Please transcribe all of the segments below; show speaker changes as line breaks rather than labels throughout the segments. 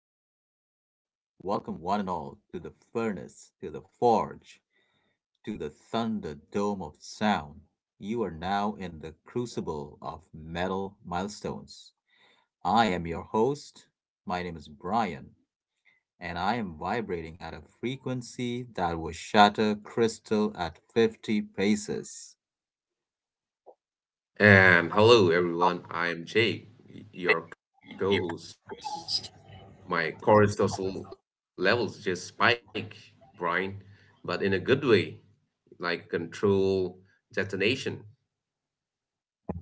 everybody. Welcome, one and all, to the furnace, to the forge, to the thunder dome of sound. You are now in the crucible of metal milestones. I am your host. My name is Brian, and I am vibrating at a frequency that will shatter crystal at 50 paces.
And hello, everyone. I am Jake, your
You.
co-host. My cortisol levels just spike, Brian, but in a good way, like control detonation.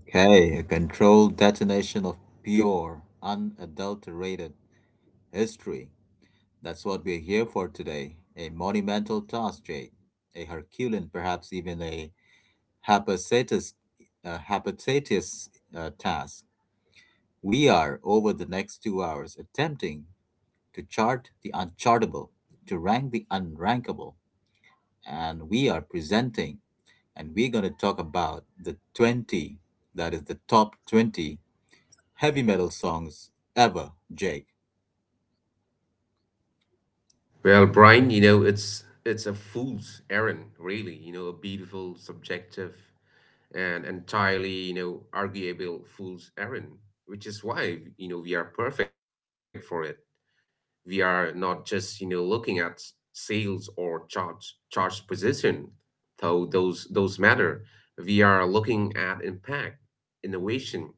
Okay, a controlled detonation of pure, unadulterated history. That's what we're here for today, a monumental task, Jay, a Herculean, perhaps even a Hepatitis, Hepatitis task. We are, over the next 2 hours, attempting to chart the unchartable, to rank the unrankable, and we are presenting and we're going to talk about the 20, that is the top 20 heavy metal songs ever, Jake.
Well, Brian, you know it's a fool's errand, really. You know, a beautiful, subjective, and entirely you know arguable fool's errand, which is why you know we are perfect for it. We are not just, you know, looking at sales or charge position, though those matter. We are looking at impact, innovation,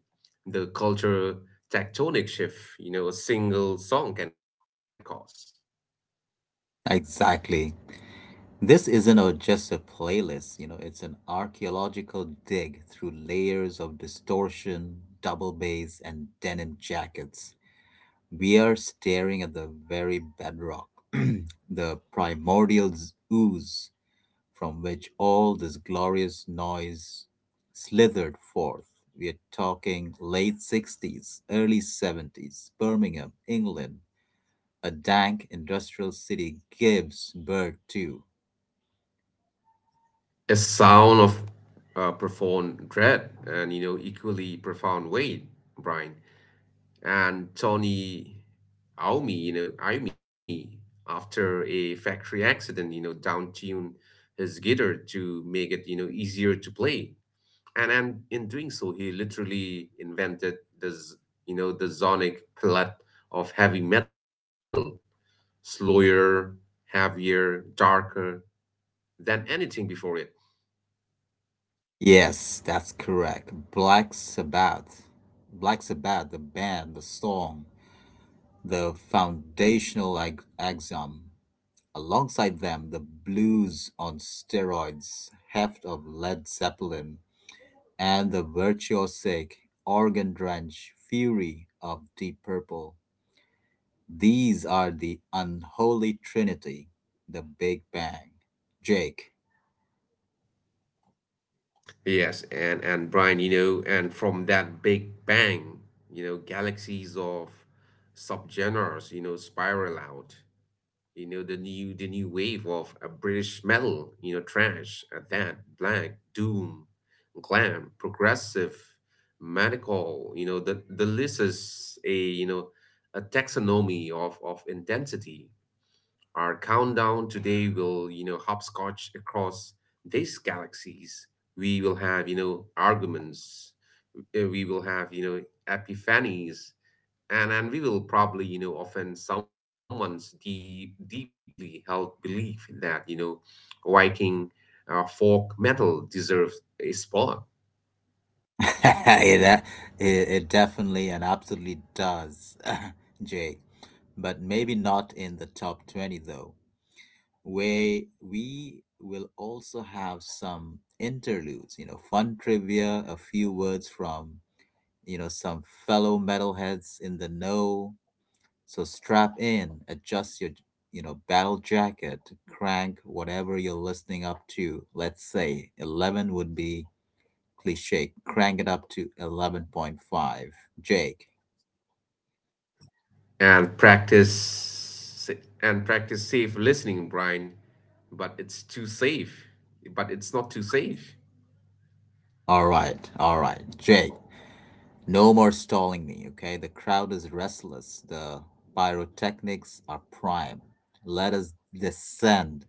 the culture tectonic shift, you know, a single song can cause.
Exactly. This isn't just a playlist. It's an archaeological dig through layers of distortion, double bass, and denim jackets. We are staring at the very bedrock, the primordial ooze from which all this glorious noise slithered forth. We are talking late 60s, early 70s, Birmingham, England. A dank industrial city gives birth to
A sound of profound dread and, you know, equally profound weight, Brian. And Tony Iommi, you know, Iommi, after a factory accident, you know, down-tuned his guitar to make it, you know, easier to play. And in doing so, he literally invented this, you know, the sonic palette of heavy metal, slower, heavier, darker than anything before it.
Yes, that's correct. Black Sabbath. Black Sabbath, the band, the song, the foundational axiom. Alongside them, the blues on steroids, heft of Led Zeppelin, and the virtuosic, organ drenched fury of Deep Purple. These are the unholy trinity, the Big Bang. Jake,
Yes, and Brian, you know, and from that big bang, you know, galaxies of subgenres, you know, spiral out. You know, the new wave of a British metal, you know, trash, at that, black, doom, glam, progressive, medical, you know, the list is a, you know, a taxonomy of intensity. Our countdown today will, you know, hopscotch across these galaxies. We will have, you know, arguments. We will have, you know, epiphanies. And we will probably, you know, offend someone's deep, deeply held belief that, you know, Viking folk metal deserves a spot.
it, uh, it definitely and absolutely does, Jay. But maybe not in the top 20, though, where we will also have some interludes, fun trivia, a few words from, some fellow metalheads in the know. So strap in, adjust your, battle jacket, crank whatever you're listening up to. Let's say 11 would be cliche, crank it up to 11.5. Jake.
And practice and practice safe listening, Brian. But it's too safe. But it's not too safe.
All right, all right. Jake, no more stalling me, okay? The crowd is restless. The pyrotechnics are prime. Let us descend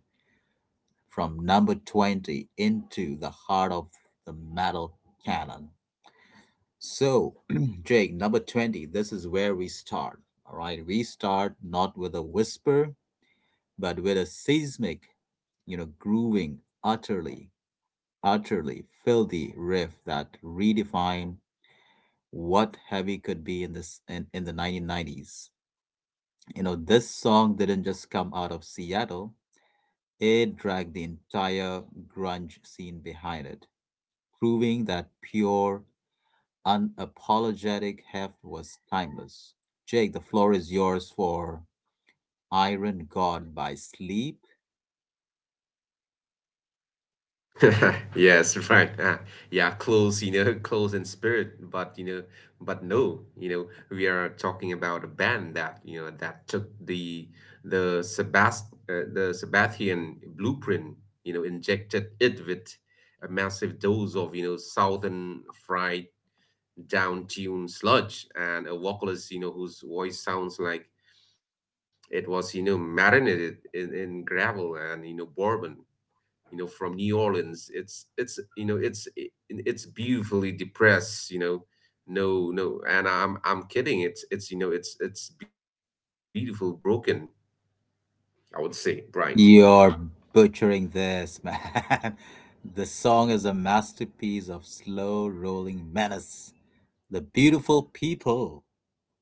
from number 20 into the heart of the metal cannon. So, Jake, number 20, this is where we start. All right, we start not with a whisper, but with a seismic, grooving utterly utterly filthy riff that redefined what heavy could be in the 1990s. This song didn't just come out of Seattle, it dragged the entire grunge scene behind it, proving that pure, unapologetic heft was timeless. Jake, the floor is yours for Iron God by Sleep
Yes, right. Yeah, close, you know, close in spirit, but you know, but no, you know, we are talking about a band that, you know, that took the Sabbath the Sabbathian blueprint, you know, injected it with a massive dose of, you know, southern fried down tuned sludge and a vocalist, you know, whose voice sounds like it was, you know, marinated in gravel and, you know, bourbon you know from New Orleans. It's you know it's beautifully depressed. You know, no, and I'm kidding. It's you know it's beautiful broken. I would say Brian.
You're butchering this, man. The song is a masterpiece of slow rolling menace. The beautiful people,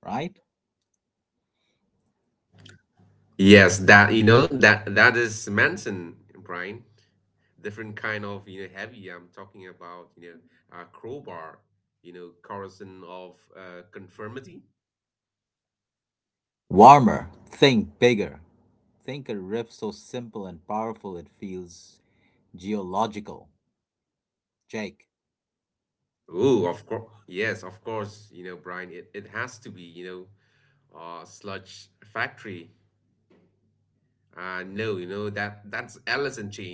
right?
Yes, that you know that is Manson Brian. Different kind of you know heavy. I'm talking about you know crowbar. You know, Carson of conformity.
Warmer, think bigger. Think a riff so simple and powerful it feels geological. Jake.
Oh, of course. Yes, of course. You know, Brian, it has to be, you know, sludge factory. No, you know that's Alice in Chain,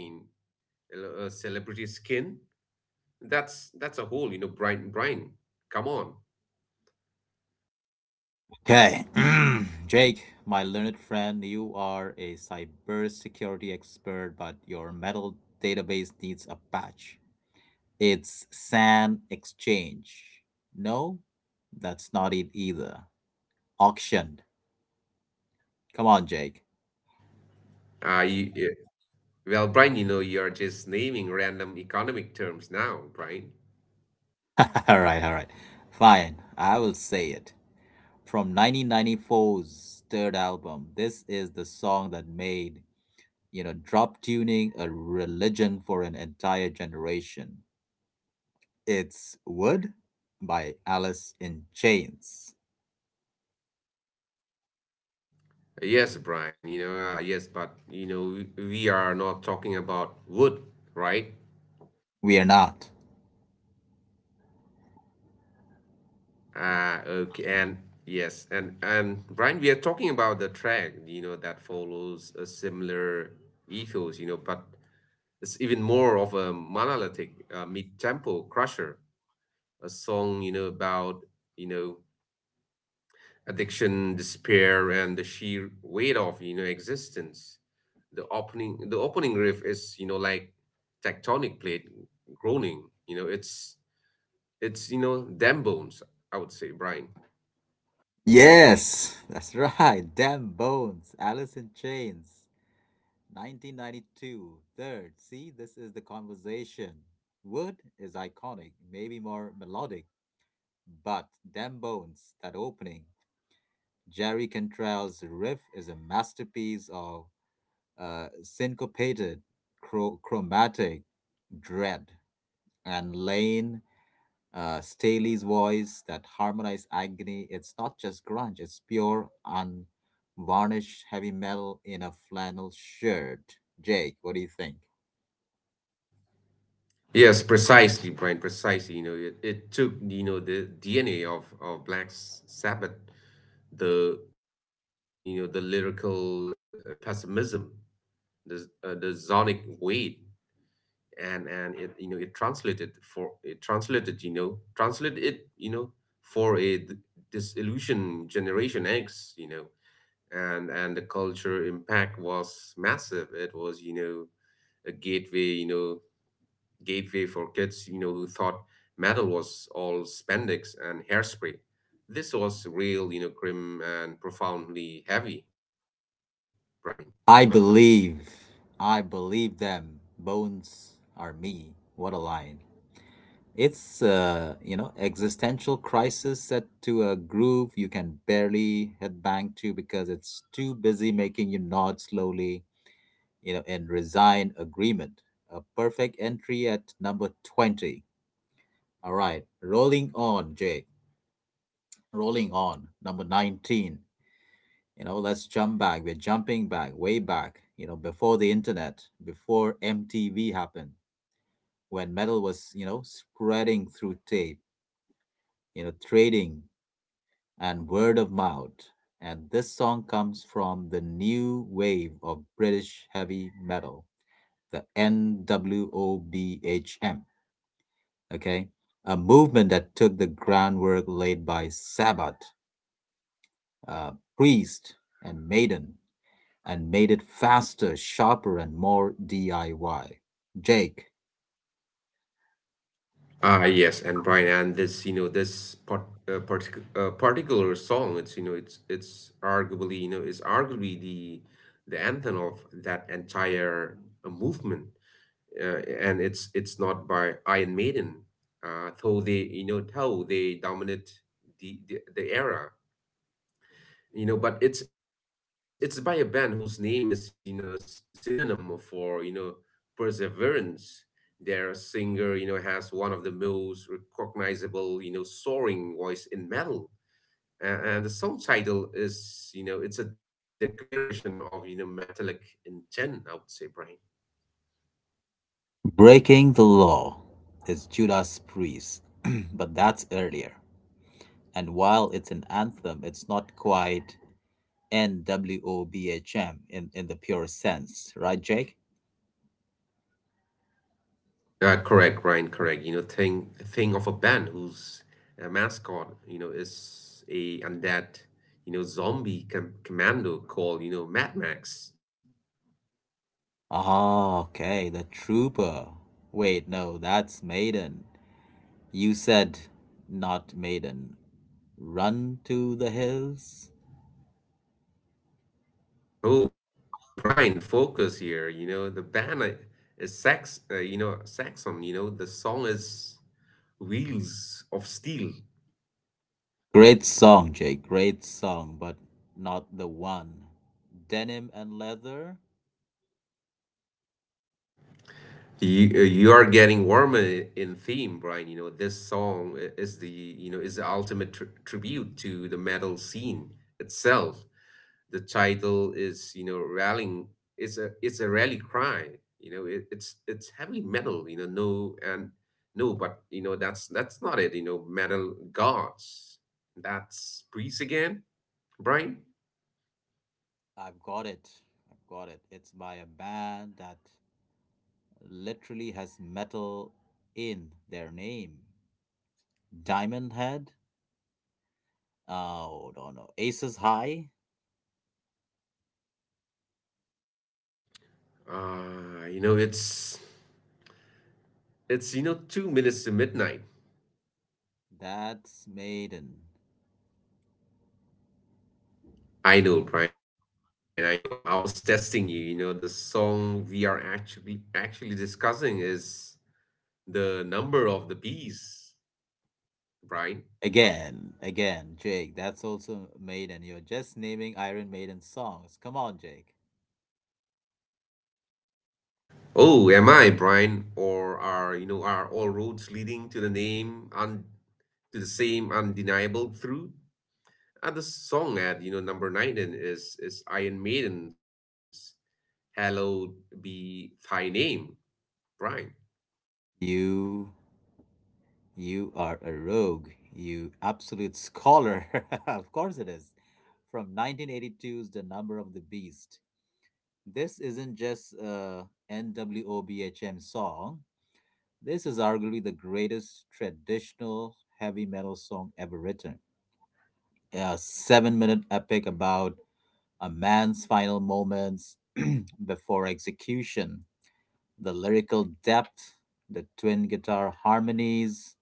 celebrity skin. That's a whole, you know, Brian. Brian, come on.
Okay. Mm. Jake, my learned friend, you are a cybersecurity expert, but your metal database needs a patch. It's Sand Exchange. No, that's not it either. Auctioned. Come on, Jake.
Uh, you, yeah. Brian, you know, you're just naming random economic terms now, Brian.
All right, all right. Fine, I will say it. From 1994's third album, this is the song that made, drop tuning a religion for an entire generation. It's Wood by Alice in Chains.
Yes, Brian. You know, yes, but you know, we are not talking about wood, right?
We are not.
Okay, and yes, and Brian, we are talking about the track, you know, that follows a similar ethos, you know, but it's even more of a monolithic mid-tempo crusher, a song, you know, about, you know, addiction, despair, and the sheer weight of, you know, existence. The opening riff is, you know, like tectonic plate groaning. You know, it's you know them bones. I would say, Brian.
Yes, that's right. Damn bones. Alice in Chains. 1992, third. See, this is the conversation. Wood is iconic, maybe more melodic, but Dem Bones, that opening. Jerry Cantrell's riff is a masterpiece of syncopated, chromatic dread. And Lane Staley's voice, that harmonized agony, it's not just grunge, it's pure, unvarnished heavy metal in a flannel shirt. Jake, what do you think?
Yes, precisely, Brian, precisely. You know, it took, you know, the DNA of Black Sabbath, you know, the lyrical pessimism, the sonic weight, you know, it translated for, it translated, you know, translated it, you know, for a disillusioned Generation X, you know, and the culture impact was massive. It was, you know, a gateway, you know, gateway for kids, you know, who thought metal was all spandex and hairspray. This was real, you know, grim and profoundly heavy, Brian.
I believe, I believe them. Bones are me. What a line. It's existential crisis set to a groove you can barely headbang to because it's too busy making you nod slowly, and resign agreement. A perfect entry at number 20. All right, rolling on, Jay. Rolling on, number 19. Let's jump back. We're jumping back, way back, before the internet, before MTV happened, when metal was, spreading through tape, trading and word of mouth. And this song comes from the new wave of British heavy metal, the NWOBHM, okay? A movement that took the groundwork laid by Sabbath, uh, Priest, and Maiden and made it faster, sharper, and more DIY. Jake,
Ah, yes, and Brian, and this, you know, this part, particular song, it's arguably, you know, is arguably the anthem of that entire movement, and it's not by Iron Maiden, though they, you know, though they dominate the era. You know but it's by a band whose name is you know a synonym for you know perseverance. Their singer you know has one of the most recognizable you know soaring voice in metal. And the song title is you know it's a declaration of you know metallic intent, I would say Brian.
breaking the law is Judas Priest, but that's earlier. And while it's an anthem, it's not quite NWOBHM in the pure sense, right, Jake?
Correct Brian correct, you know thing thing of a band whose mascot you know is a undead you know zombie commando called you know Mad Max.
Ah, okay, the trooper. Wait, no, that's Maiden. You said not Maiden. Run to the hills?
Oh, Brian, focus here. You know, the band is Saxon. You know, the song is Wheels of Steel.
Great song, Jay. Great song, but not the one. Denim and Leather.
You, you are getting warmer in theme, Brian. You know, this song is the, you know, is the ultimate tr tribute to the metal scene itself. The title is you know rallying, it's a rally cry, you know it, it's heavy metal, you know no and no but you know that's not it, you know metal gods, that's priest again Brian.
I've got it. I've got it. It's by a band that literally has metal in their name. Diamond Head. Oh, no, no. Aces High.
Uh you know it's you know 2 minutes to midnight.
That's Maiden.
I know Brian I know I was testing you, you know the song we are actually discussing is the number of the beast Brian.
Again, again, Jake. That's also Maiden. You're just naming Iron Maiden songs. Come on, Jake.
Oh, am I, Brian? Or are you know are all roads leading to the name and to the same undeniable truth? The song at you know number nine then is Iron Maiden's "Hallowed Be Thy Name," Brian.
You You are a rogue, you absolute scholar. Of course it is. From 1982's The Number of the Beast. This isn't just a NWOBHM song. This is arguably the greatest traditional heavy metal song ever written. A 7-minute epic about a man's final moments before execution. The lyrical depth, the twin guitar harmonies,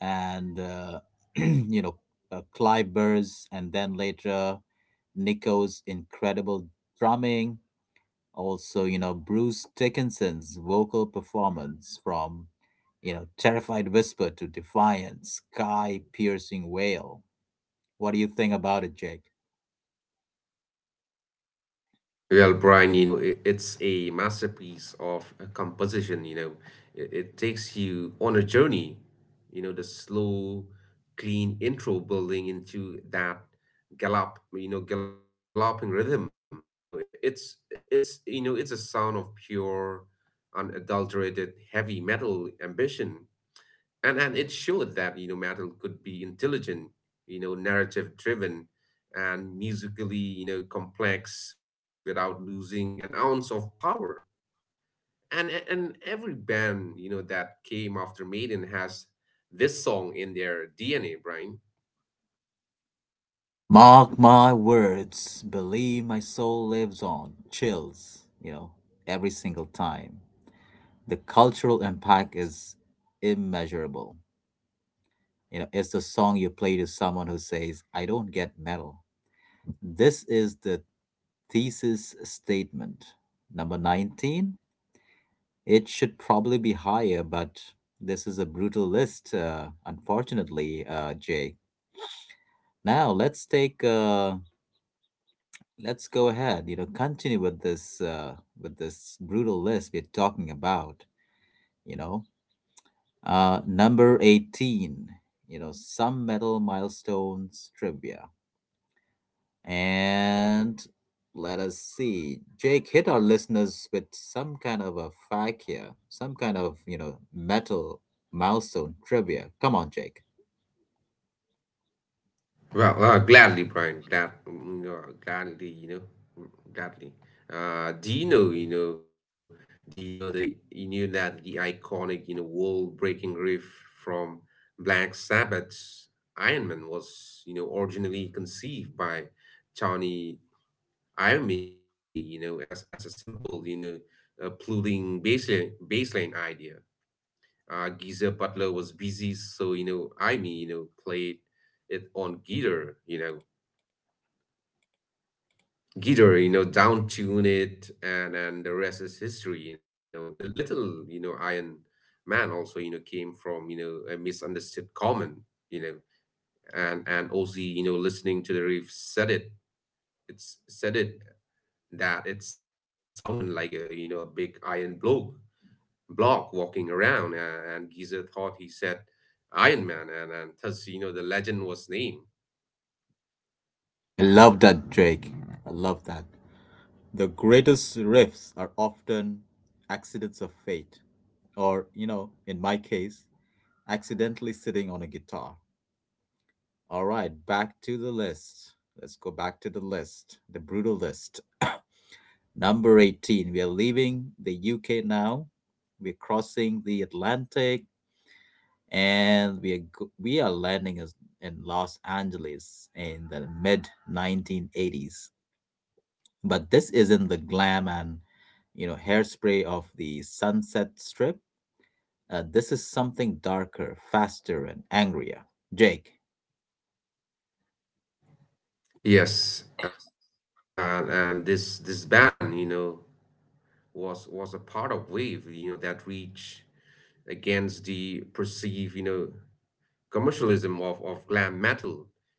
and you know Clive Burrs, and then later Nico's incredible drumming. Also, Bruce Dickinson's vocal performance from terrified whisper to defiant sky-piercing wail. What do you think about it, Jake?
Well, Brian, you know, it's a masterpiece of a composition. You know, it takes you on a journey. You know, the slow, clean intro building into that gallop, you know, galloping rhythm. You know, it's you know, it's a sound of pure, unadulterated heavy metal ambition, and it showed that you know metal could be intelligent, you know narrative driven, and musically you know complex without losing an ounce of power, and every band you know that came after Maiden has this song in their DNA Brian.
Mark my words, believe my soul lives on. Chills, every single time. The cultural impact is immeasurable. It's the song you play to someone who says, I don't get metal. This is the thesis statement. Number 19, it should probably be higher, but this is a brutal list, unfortunately, Jay. Now let's go ahead, continue with this brutal list we're talking about, you know. Number 18, some metal milestones trivia. And let us see. Jake, hit our listeners with some kind of a fact here, some kind of, metal milestone trivia. Come on, Jake.
Well, gladly, Brian. Gladly. Uh, do you know, you know, do you know the you knew that the iconic, you know, wall-breaking riff from Black Sabbath's Iron Man was, you know, originally conceived by Tony Iommi, you know, as a simple, you know, plugging baseline idea. Geezer Butler was busy, so you know, Iommi, you know, played it on guitar, you know, down tune it, and the rest is history. You know, the little you know Iron Man also you know came from you know a misunderstood common, you know, and Ozzy you know listening to the riff said it, it's said it that it sounded like a you know a big iron block walking around, and Geezer thought he said Iron Man, and thus you know the legend was named.
I love that, Jake. I love that. The greatest riffs are often accidents of fate, or, in my case, accidentally sitting on a guitar. All right, back to the list. Let's go back to the list, the brutal list. Number 18, we are leaving the UK now. We're crossing the Atlantic and we are landing us in Los Angeles in the mid 1980s. But this isn't the glam and hairspray of the Sunset Strip. This is something darker, faster, and angrier. Jake.
Yes, and this band, you know, was a part of wave you know that reach against the perceived you know commercialism of glam metal.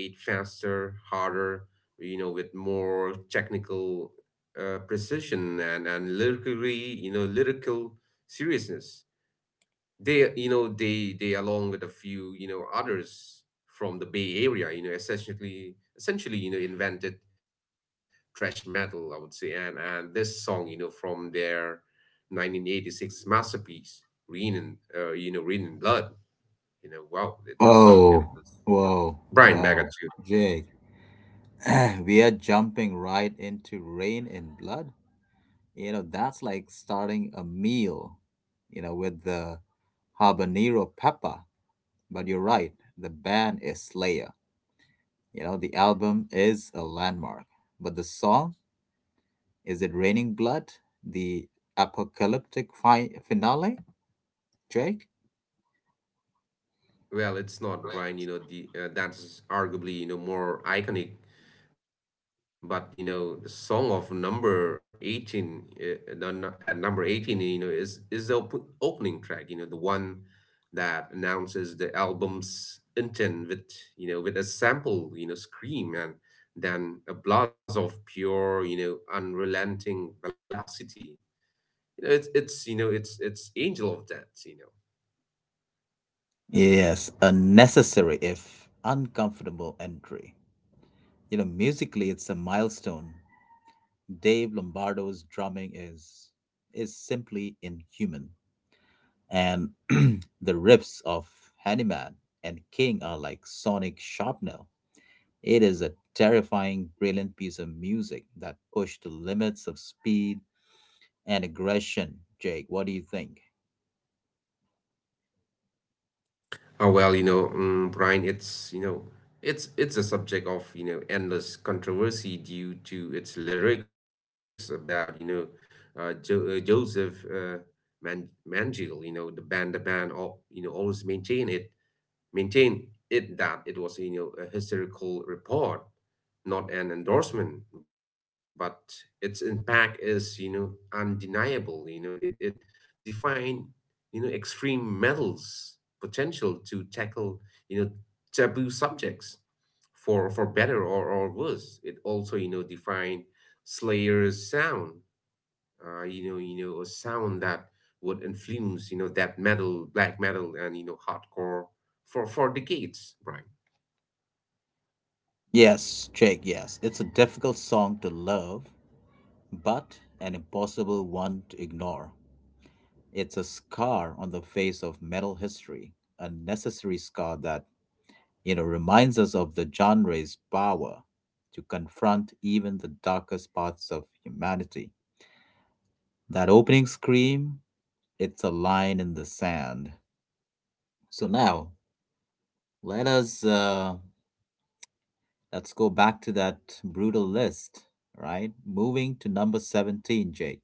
They played faster harder, you know with more technical precision, and lyrically you know lyrical seriousness. They you know they along with a few you know others from the bay area you know essentially you know invented thrash metal, I would say. And this song you know from their 1986 masterpiece Rain and you know Rain and Blood, you know wow it
Oh,
was you know
whoa, wow,
Brian Baggett.
Jake. We are jumping right into Rain in Blood. That's like starting a meal, with the habanero pepper. But you're right, the band is Slayer. The album is a landmark. But the song, is it Raining Blood? The apocalyptic finale, Drake?
Well, it's not Brian, you know, the that's arguably, you know, more iconic, but you know, the song of number 18 at number 18, you know, is the op opening track, you know, the one that announces the album's intent with, you know, with a sample, you know, scream and then a blast of pure, you know, unrelenting velocity. You know, it's Angel of Death, you know.
Yes, a necessary if uncomfortable entry. Musically it's a milestone. Dave Lombardo's drumming is simply inhuman. And the riffs of Hanneman and King are like sonic shrapnel. It is a terrifying, brilliant piece of music that pushed the limits of speed and aggression. Jake, what do you think?
Oh well, you know, Brian, it's you know, it's a subject of you know endless controversy due to its lyrics about you know, Joseph Mangel, you know, the band, all you know, always maintain maintain it that it was you know a historical report not an endorsement, but its impact is, you know, undeniable. You know, it defined, you know, extreme metals potential to tackle, you know, taboo subjects for better or worse. It also, you know, defined Slayer's sound. You know, a sound that would influence, you know, that metal, black metal and you know, hardcore for decades, right?
Yes, Jake, yes. It's a difficult song to love, but an impossible one to ignore. It's a scar on the face of metal history, a necessary scar that reminds us of the genre's power to confront even the darkest parts of humanity. That opening scream, it's a line in the sand. So now, let us uh, let's go back to that brutal list, right? Moving to number 17, Jake.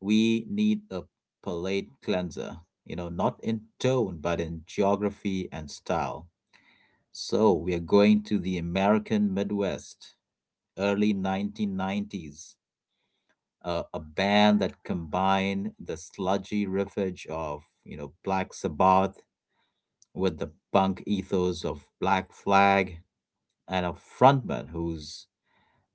We need a palate cleanser, not in tone, but in geography and style. So we are going to the American Midwest, early 1990s. A band that combined the sludgy riffage of Black Sabbath with the punk ethos of Black Flag, and a frontman whose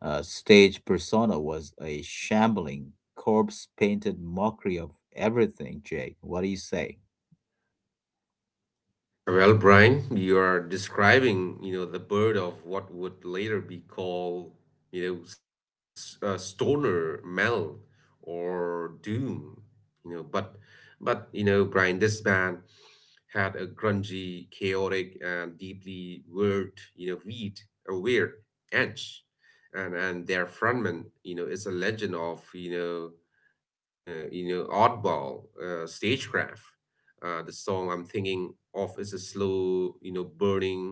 stage persona was a shambling, corpse-painted mockery of everything. Jake, what do you say?
Well, Brian, you are describing, the bird of what would later be called, stoner metal or doom, you know, but but Brian, this band had a grungy, chaotic, and deeply weird, you know, weird, a weird edge, and their frontman, is a legend of, oddball stagecraft. The song I'm thinking of is a slow, burning,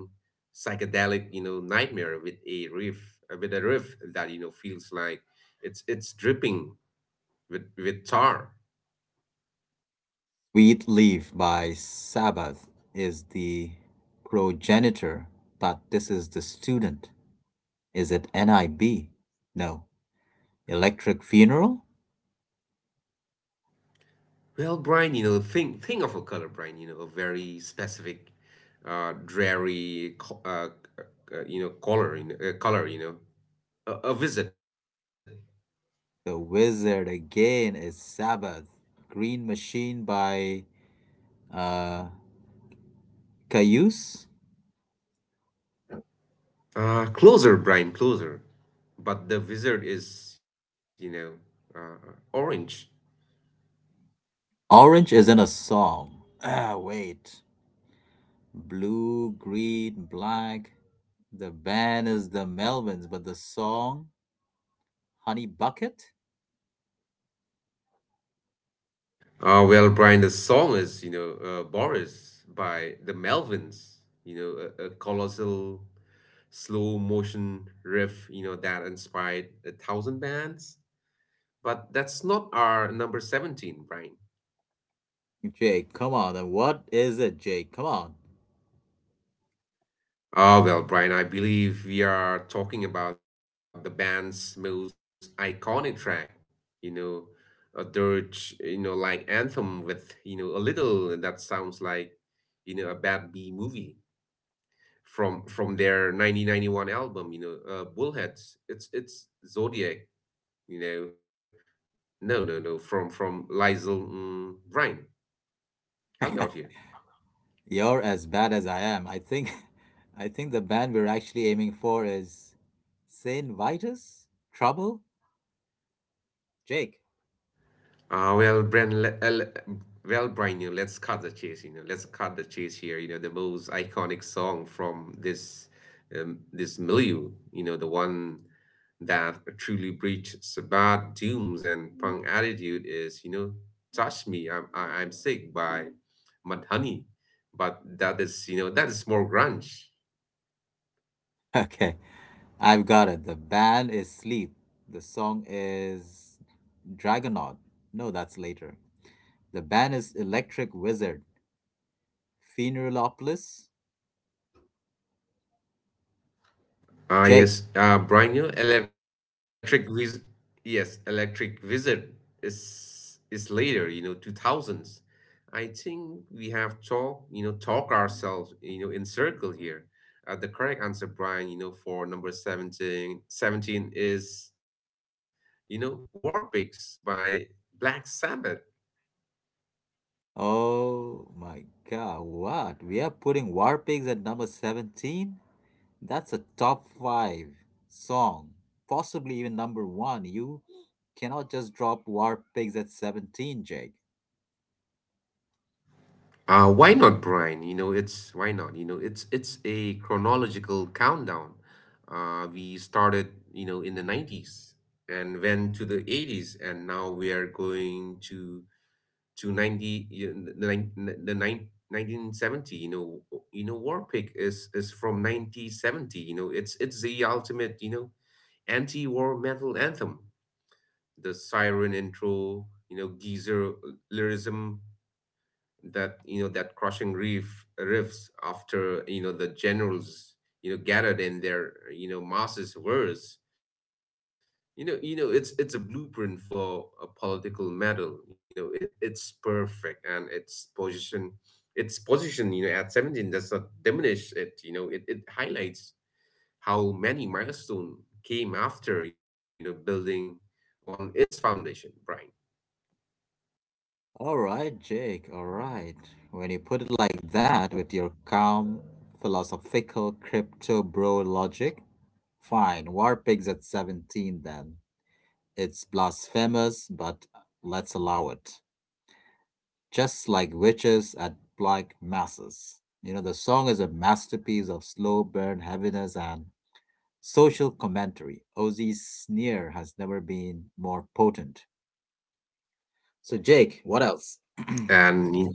psychedelic, nightmare with a riff that feels like it's dripping with tar.
Wheat Leaf by Sabbath is the progenitor, but this is the student. Is it NIB? No. Electric Funeral?
Well, Brian, think of a color, Brian. A very specific, dreary, uh, color, a wizard.
The Wizard again is Sabbath. Green Machine by uh, Cayuse.
Closer, Brian, closer. But the wizard is, orange.
Orange isn't a song. Ah, wait. Blue, green, black. The band is the Melvins, but the song, Honey Bucket?
Well, Brian, the song is, Boris by the Melvins, you know, a colossal slow motion riff that inspired a thousand bands. But that's not our number 17, Brian.
Jake, come on. Then what is it, Jake? Come on.
Well, Brian, I believe we are talking about the band's most iconic track, you know, a dirge, like anthem with, a little that sounds like, a bad B movie. From their 1991 album, bullheads. It's zodiac, you know no, no, no, from Liesel, Ryan, help me out here.
You're as bad as I am. I think, I think the band we're actually aiming for is Saint Vitus? Trouble? Jake.
Uh, well, Brian, le- uh, le- well, Brian, let's cut the chase. Let's cut the chase here. The most iconic song from this milieu. The one that truly breached Sabbath dooms and punk attitude is, "Touch Me, I'm Sick" by Mudhoney, but that is, that is more grunge.
Okay, I've got it. The band is Sleep. The song is Dragonaut. No, that's later. The band is Electric Wizard. Pheneralopolis. Jake.
Ah, yes. Brian, yes, Electric Wizard is later, 2000s. I think we have talk ourselves, in circle here. The correct answer, Brian, for number 17 is, War Pigs by Black Sabbath.
Oh my god, what? We are putting War Pigs at number 17? That's a top 5 song. Possibly even number 1. You cannot just drop War Pigs at 17, Jake.
Why not, Brian? It's why not? It's a chronological countdown. We started, in the 90s and went to the 80s, and now we are going to 90 you know, the nine, the nine, 1970. War Pig is from 1970. It's the ultimate, anti-war metal anthem. The siren intro, geezer lyricism, that you know that crushing reef riffs after the generals gathered in their masses words. It's a blueprint for a political medal. It's perfect, and its position at 17 does not diminish it. It highlights how many milestone came after, building on its foundation, Brian.
All right, Jake, all right. When you put it like that with your calm, philosophical crypto bro logic, fine. War pigs at 17 then. It's blasphemous, but let's allow it. Just like witches at black masses. The song is a masterpiece of slow burn heaviness and social commentary. Ozzy's sneer has never been more potent. So, Jake, what else?
and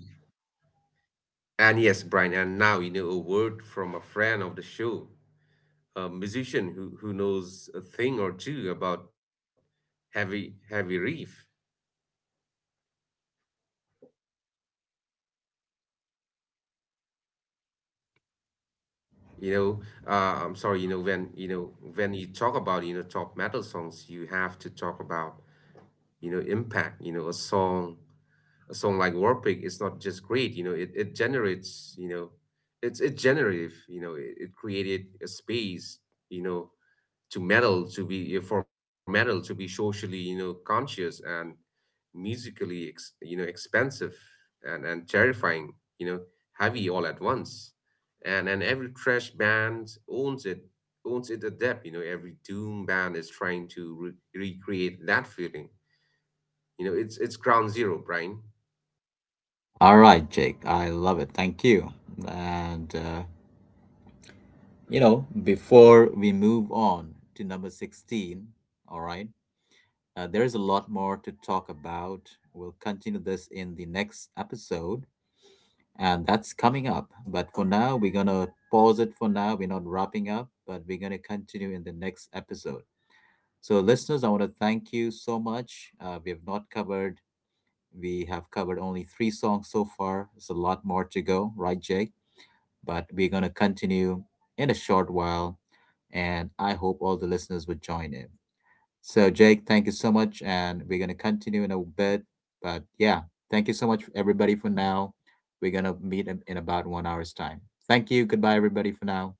and yes, Brian, and now, a word from a friend of the show, a musician who knows a thing or two about heavy riff. You know uh, i'm sorry. When you talk about, top metal songs, you have to talk about, impact. A song like warpig is not just great. It generates. It's generative. It created a space, you know to metal to be eh, for metal to be socially, conscious, and musically ex, you know expensive, and terrifying, you know heavy all at once. And every trash band owns it adept. Every doom band is trying to recreate that feeling. It's ground zero, Brian.
All right, Jake. I love it. Thank you. And, before we move on to number 16, all right, there's a lot more to talk about. We'll continue this in the next episode, and that's coming up. But for now, we're going to pause it for now. We're not wrapping up, but we're going to continue in the next episode. So, listeners, I want to thank you so much. We have not covered, we have covered only 3 songs so far. It's a lot more to go, right, Jake? But we're going to continue in a short while, and I hope all the listeners would join in. So, Jake, thank you so much, and we're going to continue in a bit. But yeah, thank you so much, everybody, for now. We're going to meet in about 1 hour's time. Thank you. Goodbye, everybody, for now.